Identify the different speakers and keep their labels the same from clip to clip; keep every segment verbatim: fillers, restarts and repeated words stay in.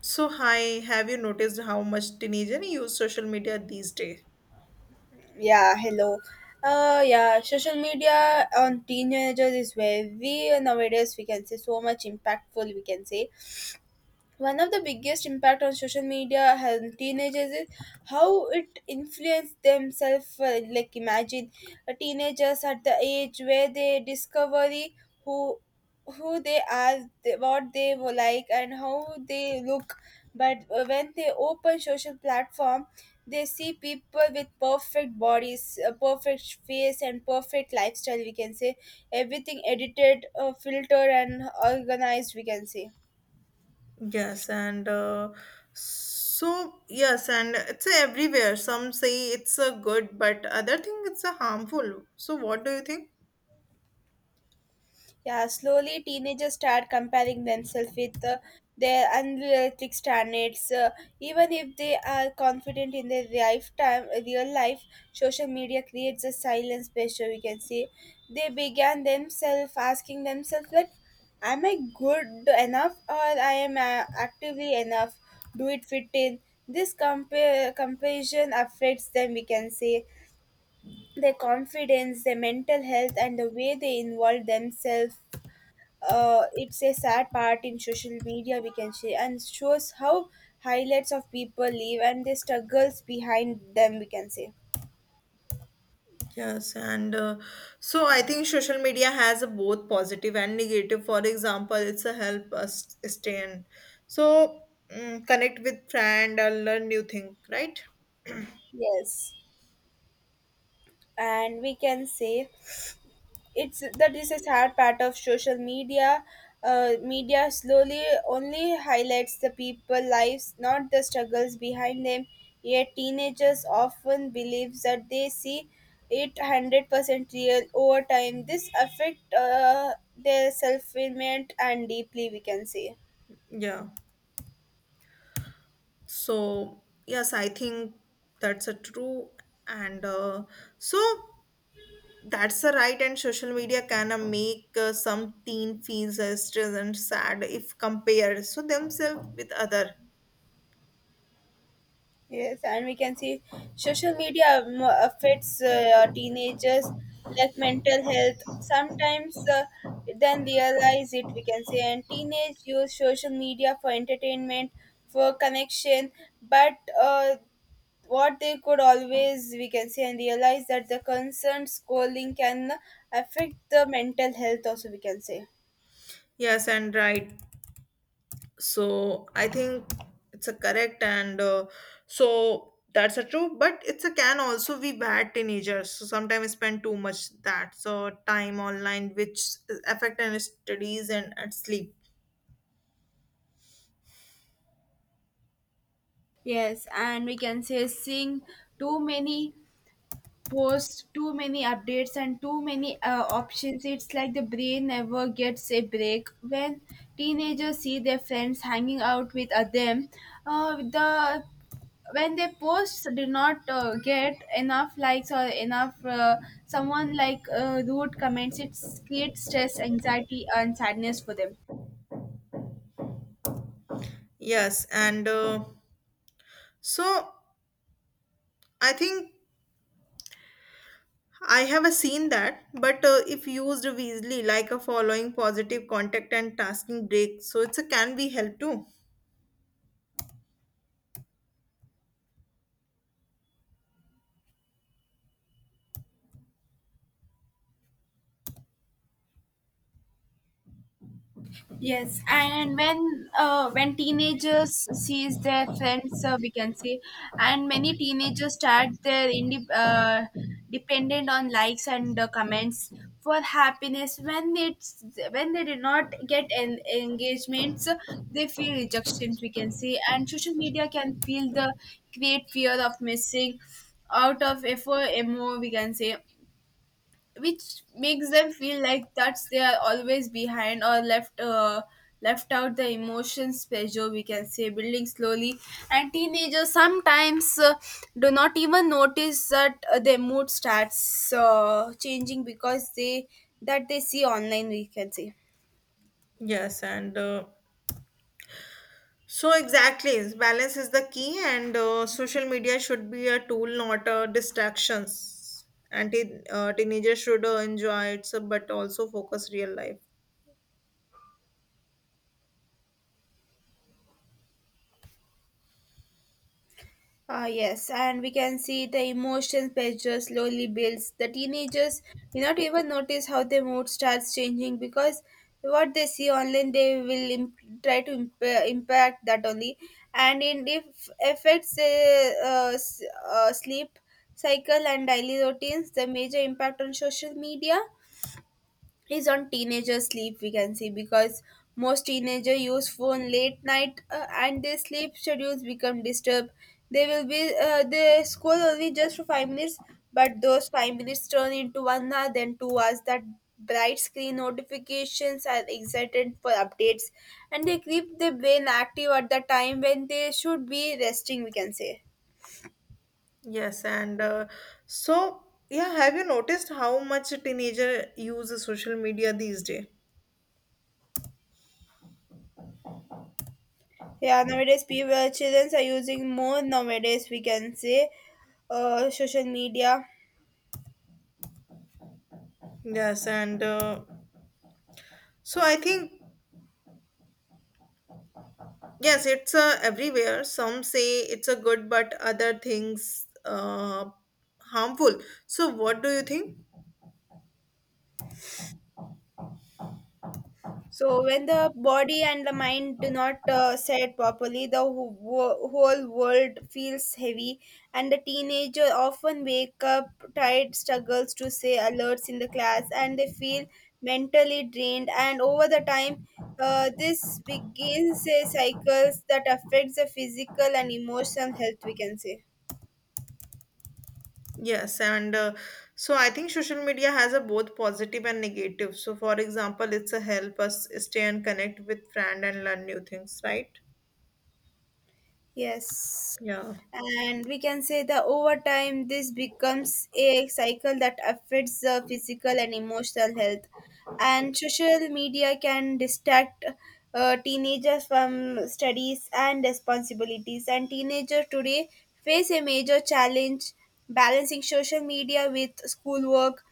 Speaker 1: So, hi, have you noticed how much teenagers use social media these days?
Speaker 2: Yeah, hello. Uh, yeah, social media on teenagers is where we nowadays we can say so much impactful. We can say one of the biggest impact on social media has teenagers is how it influences themselves. Uh, like imagine uh, teenagers at the age where they discover the- who who they are, they, what they were like, and how they look. But uh, when they open social platform, they see people with perfect bodies, a perfect face, and perfect lifestyle. We can say everything edited, uh, filtered, and organized, we can say.
Speaker 1: Yes, and uh, so yes, and it's everywhere. Some say it's a good, but other think it's a harmful. So, what do you think?
Speaker 2: Yeah, slowly teenagers start comparing themselves with uh, their unrealistic standards. Uh, even if they are confident in their lifetime, real life, social media creates a silence pressure. We can see they began themselves asking themselves like, "Am I good enough, or I am uh, actively enough? Do it fit in?" This compare comparison affects them. We can say their confidence, their mental health, and the way they involve themselves, uh, it's a sad part in social media, we can say, and shows how highlights of people live and their struggles behind them, we can say.
Speaker 1: Yes, and uh, so I think social media has a both positive and negative. For example, it's a help us stay in, so mm, connect with friend or learn new thing, right?
Speaker 2: Yes, and we can say it's that is a sad part of social media. Uh, media slowly only highlights the people lives, not the struggles behind them. Yet teenagers often believe that they see it one hundred percent real. Over time, this affect uh, their self-image and deeply, we can say.
Speaker 1: Yeah. So, yes, I think that's a true. And uh, so that's the right. And social media can uh, make uh, some teen feels uh, stressed and sad if compared so themselves with other.
Speaker 2: Yes, and we can see social media um, affects uh, teenagers like mental health. Sometimes uh, then realize it, we can say, and teenage use social media for entertainment, for connection. But uh, what they could always, we can say, and realize that the concerned scrolling can affect the mental health also, we can say.
Speaker 1: Yes, and right. So I think it's a correct and uh, so that's a true. But it's a can also be bad teenagers. So sometimes spend too much that so time online, which affect and studies and at sleep.
Speaker 2: Yes, and we can say seeing too many post, too many updates, and too many uh, options, it's like the brain never gets a break. When teenagers see their friends hanging out with uh, them uh, the when their posts did not uh, get enough likes, or enough uh, someone like uh, rude comments, it creates stress, anxiety, and sadness for them.
Speaker 1: Yes, and. Uh, So I think I have a seen that, but uh, if used wisely, like a following positive contact and tasking break, so it's a can be help too.
Speaker 2: Yes, and when uh, when teenagers sees their friends, uh, we can say, and many teenagers start their indep uh, dependent on likes and uh, comments for happiness. When it's when they did not get en- engagements, they feel rejections, we can say, and social media can feel the great fear of missing out of effort. Emo, we can say, which makes them feel like that's they are always behind or left uh, left out. The emotions pressure, we can say, building slowly, and teenagers sometimes uh, do not even notice that uh, their mood starts uh, changing because they that they see online, we can say.
Speaker 1: Yes, and uh, so exactly, balance is the key, and uh, social media should be a tool, not a distractions. And teen uh, teenagers should uh, enjoy it, so- but also focus real life.
Speaker 2: Ah, yes, and we can see the emotion pressure slowly builds. The teenagers will not even notice how their mood starts changing because what they see online, they will imp- try to imp- impact that only, and it if affects their uh, s- uh, sleep cycle and daily routines. The major impact on social media is on teenager sleep, we can see, because most teenager use phone late night, uh, and their sleep schedules become disturbed. They will be uh, they scroll only just for five minutes, but those five minutes turn into one hour, then two hours. That bright screen notifications are excited for updates, and they keep their brain active at the time when they should be resting, we can say.
Speaker 1: Yes, and uh, so yeah, have you noticed how much a teenager uses social media these days?
Speaker 2: Yeah, nowadays people children are using more nowadays, we can say, uh, social media.
Speaker 1: Yes, and uh, So I think yes, it's uh, everywhere. Some say it's a good, but other things uh, harmful. So what do you think?
Speaker 2: So when the body and the mind do not uh, set properly, the wh- wh- whole world feels heavy, and the teenager often wake up tired, struggles to stay alerts in the class, and they feel mentally drained. And over the time, uh, this begins a cycles that affects the physical and emotional health, we can say.
Speaker 1: Yes, and uh, so I think social media has a both positive and negative. So for example, it's a help us stay and connect with friend and learn new things, right?
Speaker 2: Yes.
Speaker 1: Yeah.
Speaker 2: And we can say that over time, this becomes a cycle that affects the physical and emotional health. And social media can distract uh, teenagers from studies and responsibilities. And teenagers today face a major challenge balancing social media with schoolwork,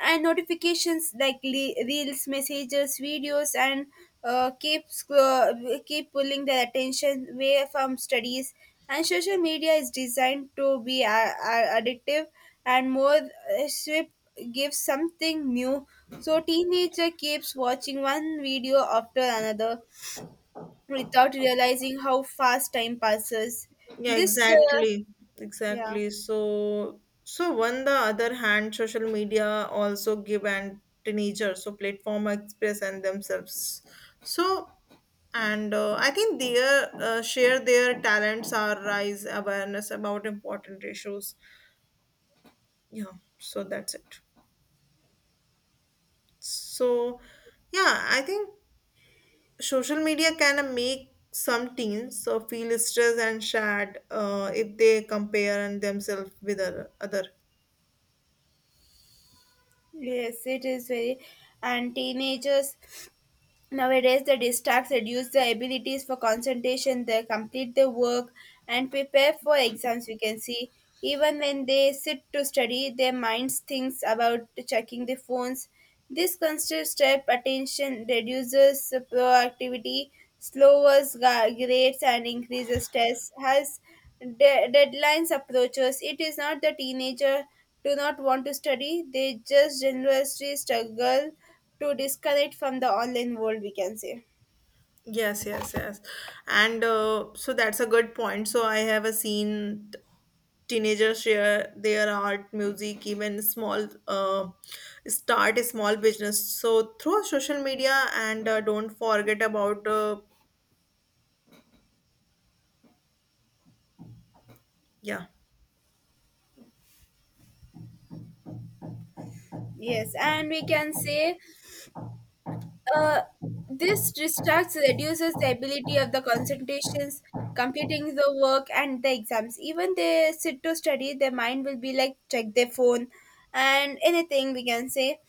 Speaker 2: and notifications like le- reels, messages, videos, and uh, keeps uh, keep pulling their attention away from studies. And social media is designed to be a- a- addictive, and more uh, swift gives something new, so teenager keeps watching one video after another without realizing how fast time passes.
Speaker 1: Yeah,
Speaker 2: This uh,
Speaker 1: exactly.
Speaker 2: Yeah,
Speaker 1: Exactly. So so on the other hand, social media also give and teenagers so platform express and themselves. So and uh, I think their uh, share their talents or raise awareness about important issues, yeah, so that's it, so yeah, I think social media kind of make some teens so feel stressed and sad uh, if they compare and themselves with other, other.
Speaker 2: yes, it is very. And teenagers nowadays, the distracts reduce the abilities for concentration, they complete their work and prepare for exams, we can see. Even when they sit to study, their minds thinks about checking the phones. This constant step attention reduces proactivity, slows ga- grades, and increases stress. As de- deadlines approaches, it is not the teenager do not want to study; they just generously struggle to disconnect from the online world, we can say.
Speaker 1: Yes, yes, yes. And uh, so that's a good point. So I have a seen t- teenagers share their art, music, even small uh, start a small business. So through social media and uh, don't forget about uh, yeah,
Speaker 2: Yes, and we can say uh, this distracts reduces the ability of the concentrations, completing the work and the exams. Even they sit to study, their mind will be like check their phone and anything, we can say.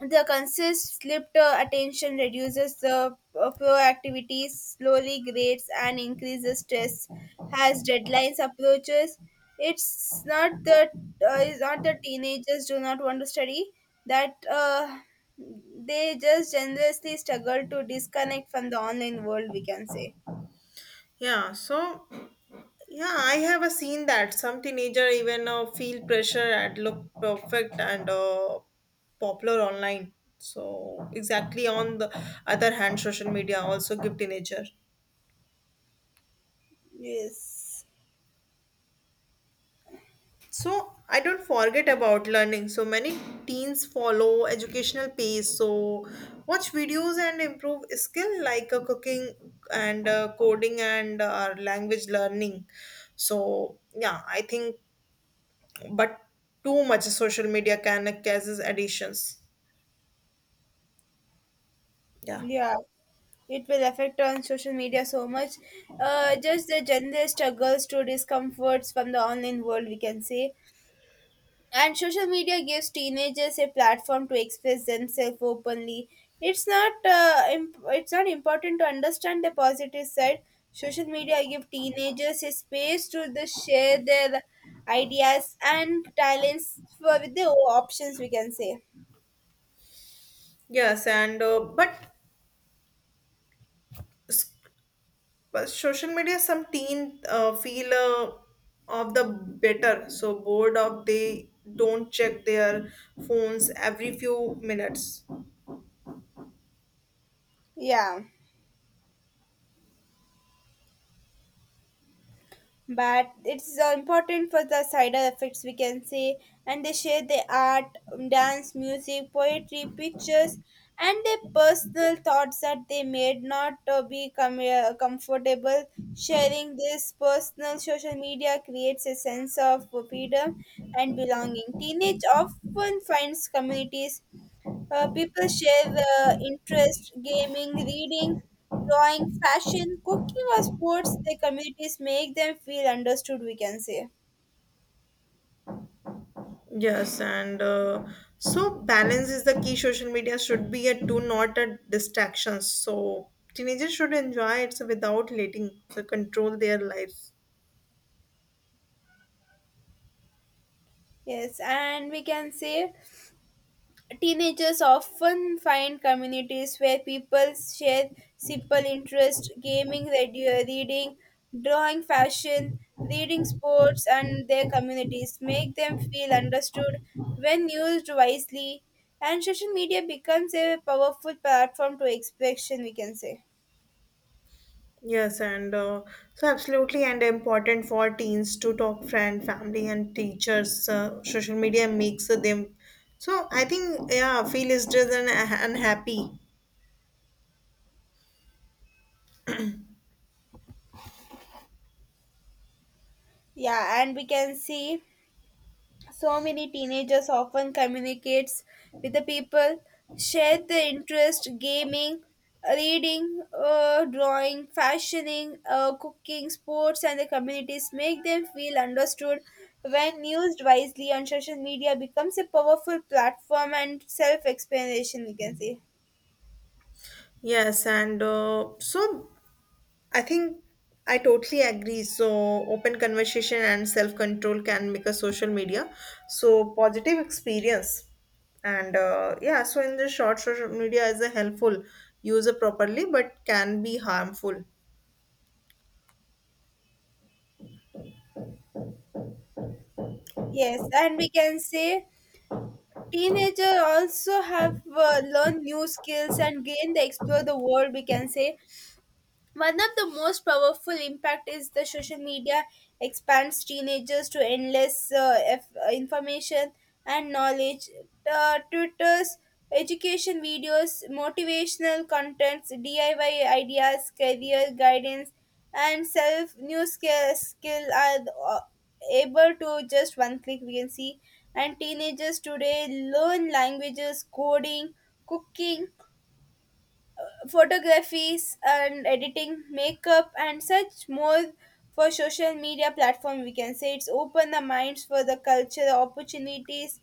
Speaker 2: The consist slipped uh, attention reduces the uh, proactivity, slowly grades, and increases stress. As deadlines approaches, it's not that uh, it's not that teenagers do not want to study. That uh, They just generously struggle to disconnect from the online world, we can say.
Speaker 1: yeah. So yeah, I have a seen that some teenager even uh, feel pressure and look perfect and uh, popular online. So exactly on the other hand, social media also give teenager.
Speaker 2: Yes,
Speaker 1: So I don't forget about learning. So many teens follow educational pace. So watch videos and improve skill like uh, cooking and uh, coding and uh, language learning. So yeah, I think but too much social media can causes additions. Yeah.
Speaker 2: yeah. It will affect on social media so much. Uh, just the general struggles to discomforts from the online world, we can say. And social media gives teenagers a platform to express themselves openly. It's not uh, imp- it's not important to understand the positive side. Social media give teenagers a space to the share their ideas and talents for with the options, we can say.
Speaker 1: Yes, and uh, but s- but social media some teen uh, feel uh, of the better so bored of they don't check their phones every few minutes.
Speaker 2: Yeah. but it's uh, important for the side effects, we can say. And they share their art, um, dance, music, poetry, pictures, and their personal thoughts that they may not uh, be com- uh, comfortable sharing this personal. Social media creates a sense of freedom and belonging. Teenage often finds communities, uh, people share their interest, gaming, reading, drawing, fashion, cooking, or sports. Their communities make them feel understood, we can say.
Speaker 1: Yes and uh, so balance is the key, social media should be a do not a distraction, so teenagers should enjoy it so without letting so control their lives.
Speaker 2: Yes, and we can say teenagers often find communities where people share simple interests: gaming, radio, reading, drawing, fashion, reading, sports, and their communities make them feel understood when used wisely. And social media becomes a powerful platform to expression, we can say.
Speaker 1: Yes, and uh, so absolutely, and important for teens to talk friend, family, and teachers. Uh, social media makes them. So I think yeah, feel is just an unhappy.
Speaker 2: Yeah, and we can see so many teenagers often communicates with the people share the interest gaming, reading, uh, drawing, fashioning, uh, cooking, sports, and the communities make them feel understood when used wisely on social media. Becomes a powerful platform and self-explanation, we can say.
Speaker 1: Yes, and uh, so I think I totally agree. So open conversation and self control can make a social media so positive experience. And uh, yeah, so in the short, social media is a helpful, use it properly, but can be harmful.
Speaker 2: Yes, and we can say teenagers also have uh, learned new skills and gain the explore the world, we can say. One of the most powerful impact is the social media expands teenagers to endless uh, f- uh, information and knowledge. Uh, tutors, education videos, motivational contents, D I Y ideas, career guidance, and self new skill, skill are uh, able to just one click, we can see. And teenagers today learn languages, coding, cooking, photographies and editing, makeup, and such more for social media platform. We can say it's open the minds for the culture opportunities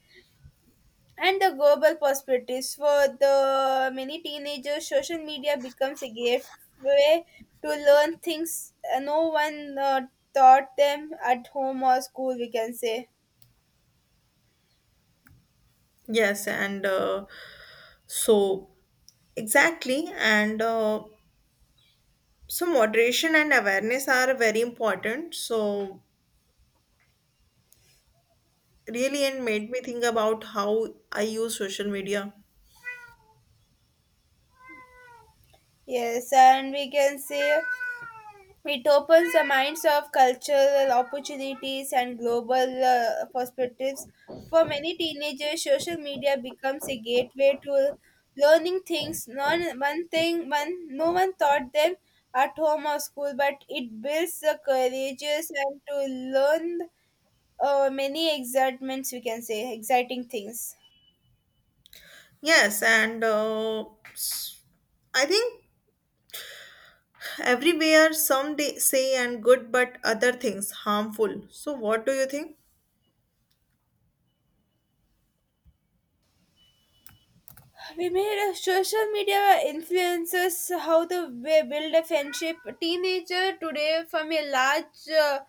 Speaker 2: and the global perspectives. For the many teenagers, social media becomes a gateway to learn things uh, no one uh, taught them at home or school, we can say.
Speaker 1: Yes, and uh, so exactly, and uh, so moderation and awareness are very important. So really, it made me think about how I use social media.
Speaker 2: Yes, and we can say it opens the minds of cultural opportunities and global uh, perspectives. For many teenagers, social media becomes a gateway to learning things non one thing one no one taught them at home or school, but it builds the courageous and to learn uh, many excitements, we can say, exciting things.
Speaker 1: Yes, and uh, s- I think everywhere some day say and good, but other things harmful. So what do you think?
Speaker 2: We made a social media influences how the way build a friendship. Teenager today from a large uh,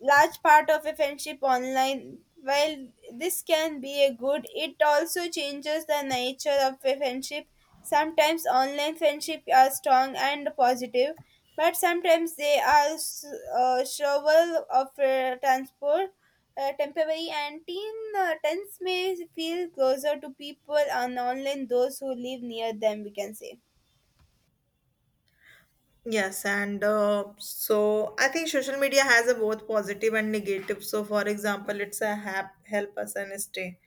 Speaker 2: large part of a friendship online. While this can be a good, it also changes the nature of a friendship. Sometimes online friendships are strong and positive, but sometimes they are s- uh, shovel of uh, transport, uh, temporary, and teen uh, tens may feel closer to people on online those who live near them, we can say.
Speaker 1: Yes, and uh, so I think social media has a both positive and negative. So, for example, it's a hap- help us and stay,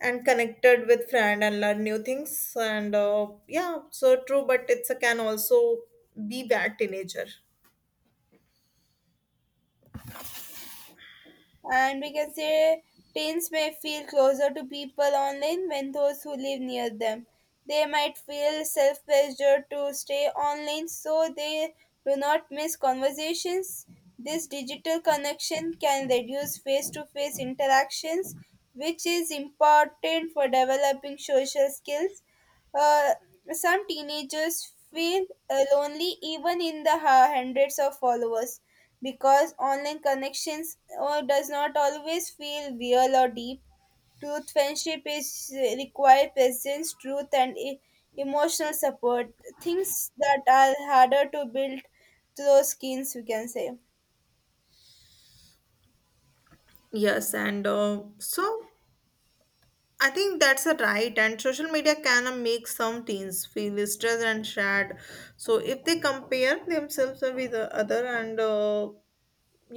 Speaker 1: and connected with friend and learn new things, and uh, yeah, so true, but it's a can also be bad teenager.
Speaker 2: And we can say teens may feel closer to people online when those who live near them. They might feel self pressure to stay online so they do not miss conversations. This digital connection can reduce face to face interactions, which is important for developing social skills. Uh, some teenagers feel uh, lonely even in the ha- hundreds of followers because online connections uh, does not always feel real or deep. Truth friendship is uh, require presence, truth, and e- emotional support. Things that are harder to build through skins, we can say.
Speaker 1: Yes and uh, so i think that's a right, and social media can uh, make some teens feel stressed and sad so if they compare themselves with the other, and uh,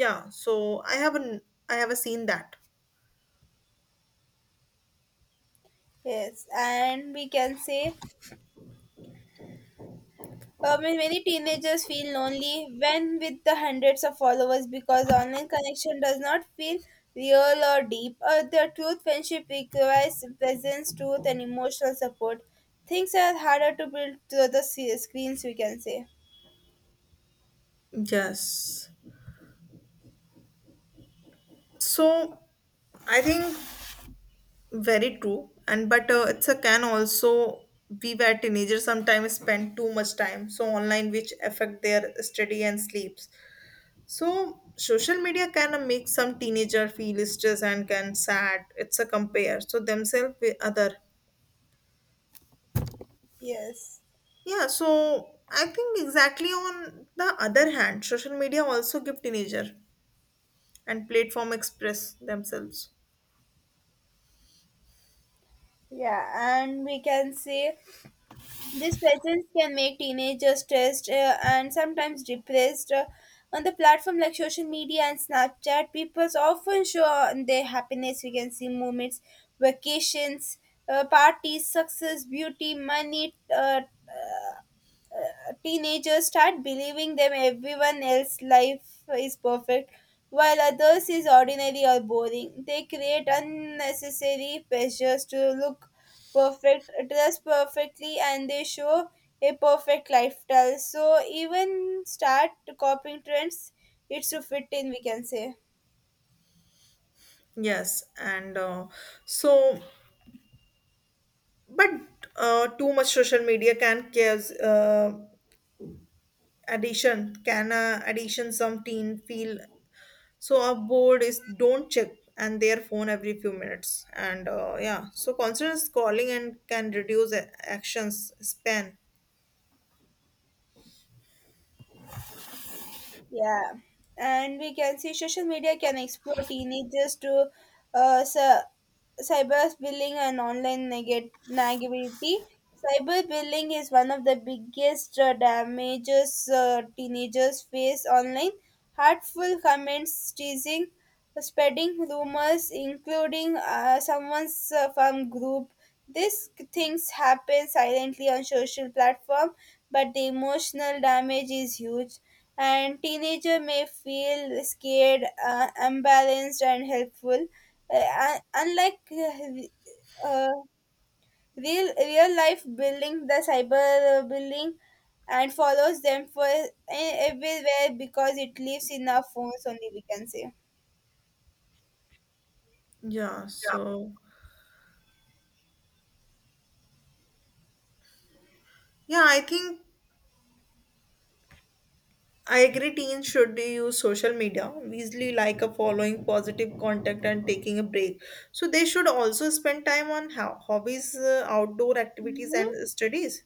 Speaker 1: yeah, so I haven't, I have seen that.
Speaker 2: Yes, and we can say Um, and many teenagers feel lonely when with the hundreds of followers because online connection does not feel real or deep. Uh, the truth friendship requires presence, truth, and emotional support. Things are harder to build through the se- screens, we can say.
Speaker 1: Yes so i think very true. And but uh, it's a can also we were teenagers sometimes spend too much time so online, which affect their study and sleeps. So social media can uh, make some teenager feel stressed and can sad. It's a compare so themselves with other.
Speaker 2: Yes.
Speaker 1: Yeah. So I think exactly on the other hand, social media also give teenager and platform express themselves.
Speaker 2: Yeah, and we can say these presence can make teenagers stressed uh, and sometimes depressed. Uh, on the platform like social media and Snapchat, people often show on their happiness. We can see moments, vacations, uh, parties, success, beauty, money, uh, teenagers start believing them everyone else's life is perfect while others is ordinary or boring. They create unnecessary pressures to look perfect, dress perfectly, and they show a perfect lifestyle. So even start copying trends, it's to fit in, we can say.
Speaker 1: Yes, and uh, so but uh, Too much social media can cause uh, addiction can uh, addiction, some teen feel so our board is don't check and their phone every few minutes, and uh, yeah, so constant scrolling and can reduce a- actions span.
Speaker 2: Yeah, and we can see social media can explore teenagers to uh, cy- cyberbullying and online neg- negativity. Cyberbullying is one of the biggest uh, damages uh, teenagers face online. Hurtful comments, teasing, spreading rumors, including uh, someone's uh, from group. These things happen silently on social platform, but the emotional damage is huge and teenager may feel scared, uh, unbalanced, and helpful. Uh, un- unlike uh, uh, real real life bullying, the cyber bullying and follows them for e- everywhere because it lives in our phones only. We can say.
Speaker 1: Yeah so yeah i think I agree teens should use social media easily, like a following positive contact and taking a break, so they should also spend time on ho- hobbies, uh, outdoor activities
Speaker 2: Mhm.
Speaker 1: and studies.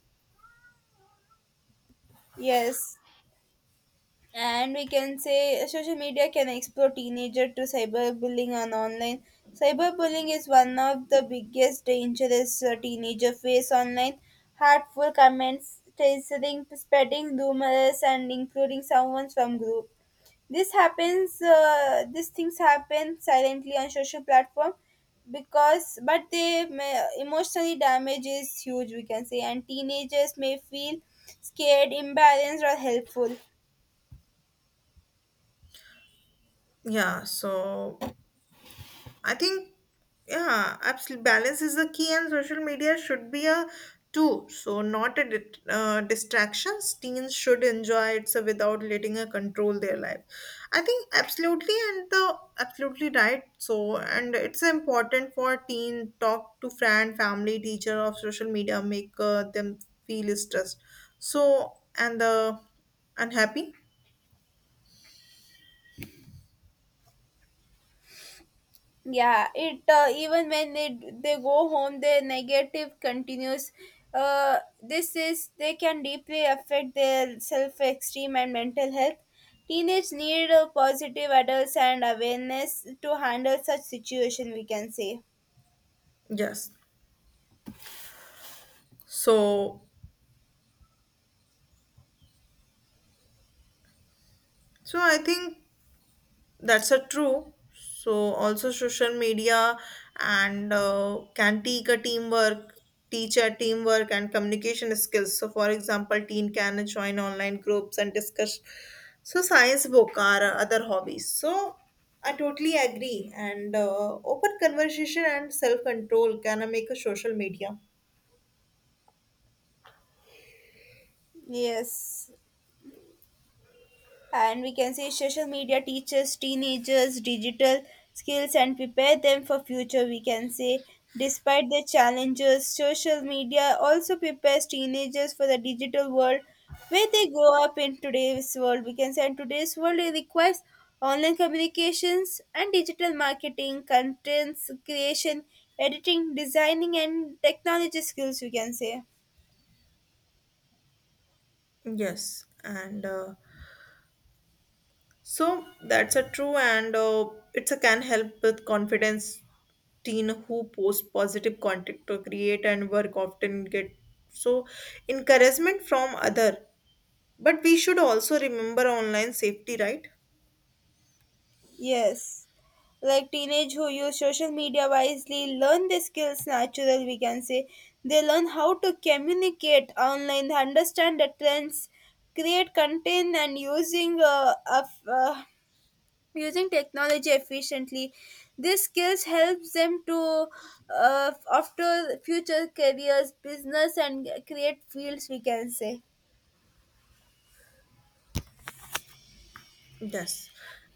Speaker 2: Yes. And we can say uh, social media can explore teenager to cyberbullying and online. Cyberbullying is one of the biggest dangers uh, teenager face online. Hurtful comments, teasing, spreading rumors, and including someone from group. This happens. Uh, these things happen silently on social platform because, but they may, emotionally damage is huge. We can say, and teenagers may feel scared, embarrassed, or helpful.
Speaker 1: Yeah, so I think yeah, absolute balance is the key, and social media should be a tool, so not a dit uh, distractions. Teens should enjoy it so without letting it control their life. I think absolutely, and the absolutely right. So, and it's important for teen talk to friend, family, teacher of social media, make uh, them feel stressed. So and the unhappy.
Speaker 2: Yeah, it uh, even when they they go home their negative continues. Uh, this is they can deeply affect their self-esteem and mental health. Teenage need uh, positive adults and awareness to handle such situation, we can say.
Speaker 1: Yes. So so I think that's a true, so also social media and uh, can teach a teamwork teach a teamwork and communication skills, so for example, teen can join online groups and discuss so science book or other hobbies, so I totally agree, and uh, open conversation and self control can make a social media.
Speaker 2: Yes, and we can say social media teaches teenagers digital skills and prepare them for future, we can say. Despite the challenges, social media also prepares teenagers for the digital world where they grow up in today's world, we can say, and today's world it requires online communications and digital marketing contents creation, editing, designing, and technology skills, we can say.
Speaker 1: Yes and uh, So that's a true, and uh, it's a can help with confidence. Teen who post positive content to create and work often get so encouragement from other. But we should also remember online safety, right?
Speaker 2: Yes, like teenage who use social media wisely learn the skills natural, we can say. They learn how to communicate online, understand the trends, create content, and using uh, of, uh, using technology efficiently. These skills helps them to uh, after future careers, business, and create fields, we can say.
Speaker 1: Yes,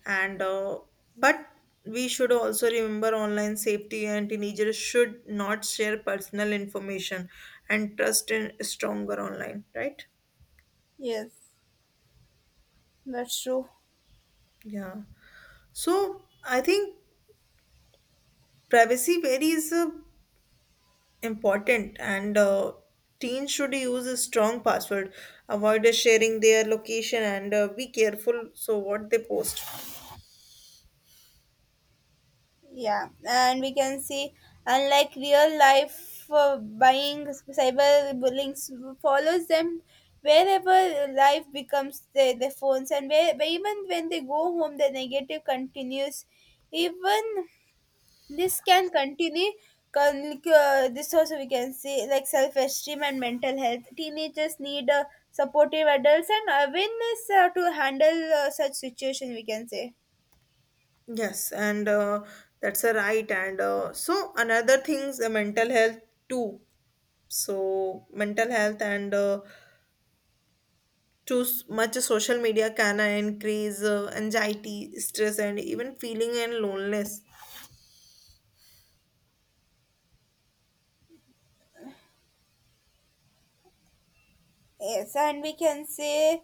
Speaker 1: and uh, but we should also remember online safety, and teenagers should not share personal information and trust in stronger online, right?
Speaker 2: Yes, that's true.
Speaker 1: Yeah. So I think privacy very is uh, important, and uh, teens should use a strong password, avoid uh, sharing their location, and uh, be careful so what they post.
Speaker 2: Yeah, and we can see, unlike real life uh, buying, cyberbullying s- follows them wherever life becomes their, their phones, and where, where even when they go home, the negative continues. Even this can continue. Con- Uh, this also we can see like self-esteem and mental health. Teenagers need uh, supportive adults and awareness uh, to handle uh, such situation. We can say.
Speaker 1: Yes and uh, That's a right, and uh, so another things the mental health too, so mental health and uh, too s- much social media can uh, increase uh, anxiety, stress, and even feeling and loneliness.
Speaker 2: Yes, and we can say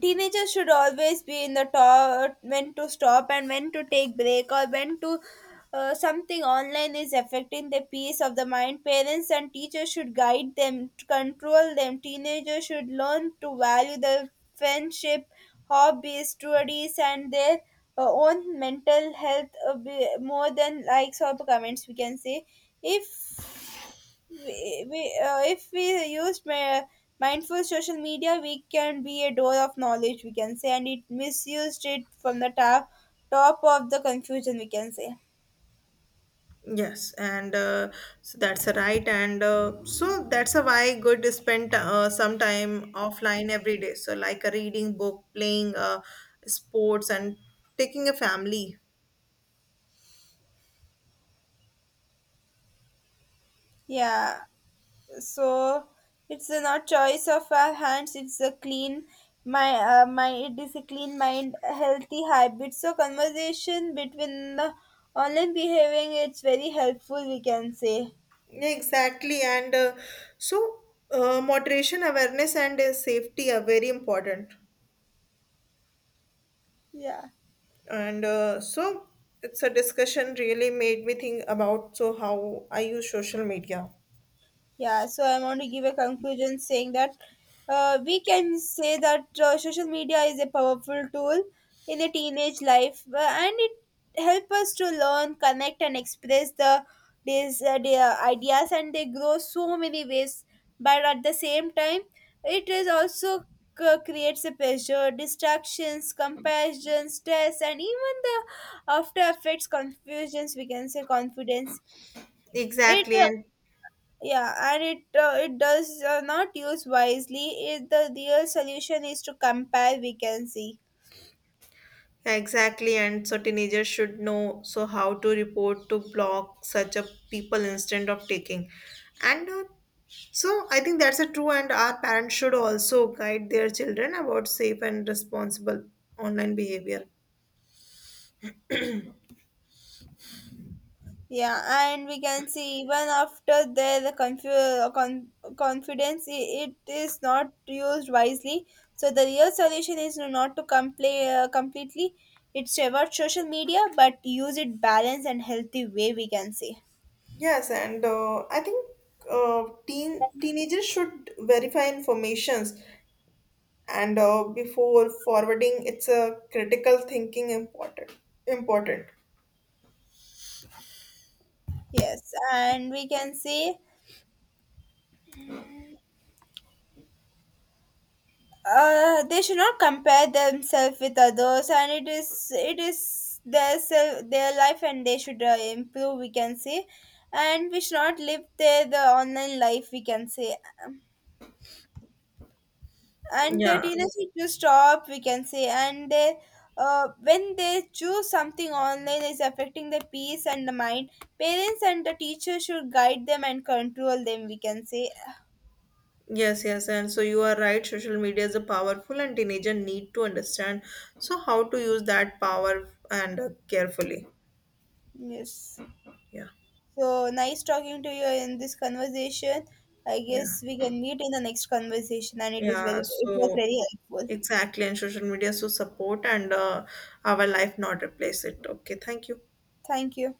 Speaker 2: teenagers should always be in the top when to stop and when to take break or when to uh, something online is affecting the peace of the mind. Parents and teachers should guide them to control them. Teenagers should learn to value the friendship, hobbies, studies, and their uh, own mental health, uh, be- more than likes or comments, we can say. If we, we uh, if we used ma- mindful social media, we can be a door of knowledge, we can say, and it misused it from the top, top of the confusion, we can say.
Speaker 1: Yes, and uh, so that's a right, and uh, so that's a why good to spend uh, some time offline every day. So like a reading book, playing uh, sports, and taking a family.
Speaker 2: Yeah, so it's a not choice of our hands. It's a clean my uh, my it is a clean mind, a healthy habit. So conversation between the online behaving, it's very helpful. We can say.
Speaker 1: Yeah, exactly, and uh, so uh, moderation, awareness, and uh, safety are very important.
Speaker 2: Yeah.
Speaker 1: And uh, so it's a discussion really made me think about so how I use social media.
Speaker 2: Yeah, so I want to give a conclusion saying that uh, we can say that uh, social media is a powerful tool in a teenage life, uh, and it help us to learn, connect, and express the these uh, their ideas and they grow so many ways. But at the same time, it is also c- creates a pressure, distractions, comparisons, stress, and even the after effects, confusions. We can say confidence. It
Speaker 1: Exactly,
Speaker 2: uh,
Speaker 1: and
Speaker 2: yeah and it uh, it does uh, not use wisely it, the real solution is to compare, we can see.
Speaker 1: exactly, and so teenagers should know so how to report to block such a people instead of taking. And uh, so I think that's a true, and our parents should also guide their children about safe and responsible online behavior.
Speaker 2: Yeah, and we can see even after the, the confu- uh, con- confidence it, it is not used wisely, so the real solution is no, not to compla- uh, completely it's about social media, but use it balanced and healthy way, we can see.
Speaker 1: Yes, and uh, I think uh, teen teenagers should verify informations and uh, before forwarding, it's a critical thinking important important.
Speaker 2: Yes, and we can see uh, they should not compare themselves with others, and it is it is their self, their life, and they should uh, improve, we can say. And we should not live their the online life, we can say. And their
Speaker 1: Yeah.
Speaker 2: teenagers need to stop, we can say, and they uh, when they choose something online is affecting the peace and the mind, parents and the teacher should guide them and control them, we can say.
Speaker 1: Yes, yes, and so you are right. Social media is a powerful, and teenager need to understand. So how to use that power and uh, carefully.
Speaker 2: Yes.
Speaker 1: Yeah,
Speaker 2: So nice talking to you in this conversation. I
Speaker 1: yeah,
Speaker 2: guess we can meet in the next conversation, and it is very,
Speaker 1: yeah.
Speaker 2: it was
Speaker 1: So
Speaker 2: very helpful.
Speaker 1: exactly, and social media so support and uh, our life, not replace it. Okay, thank you.
Speaker 2: Thank you.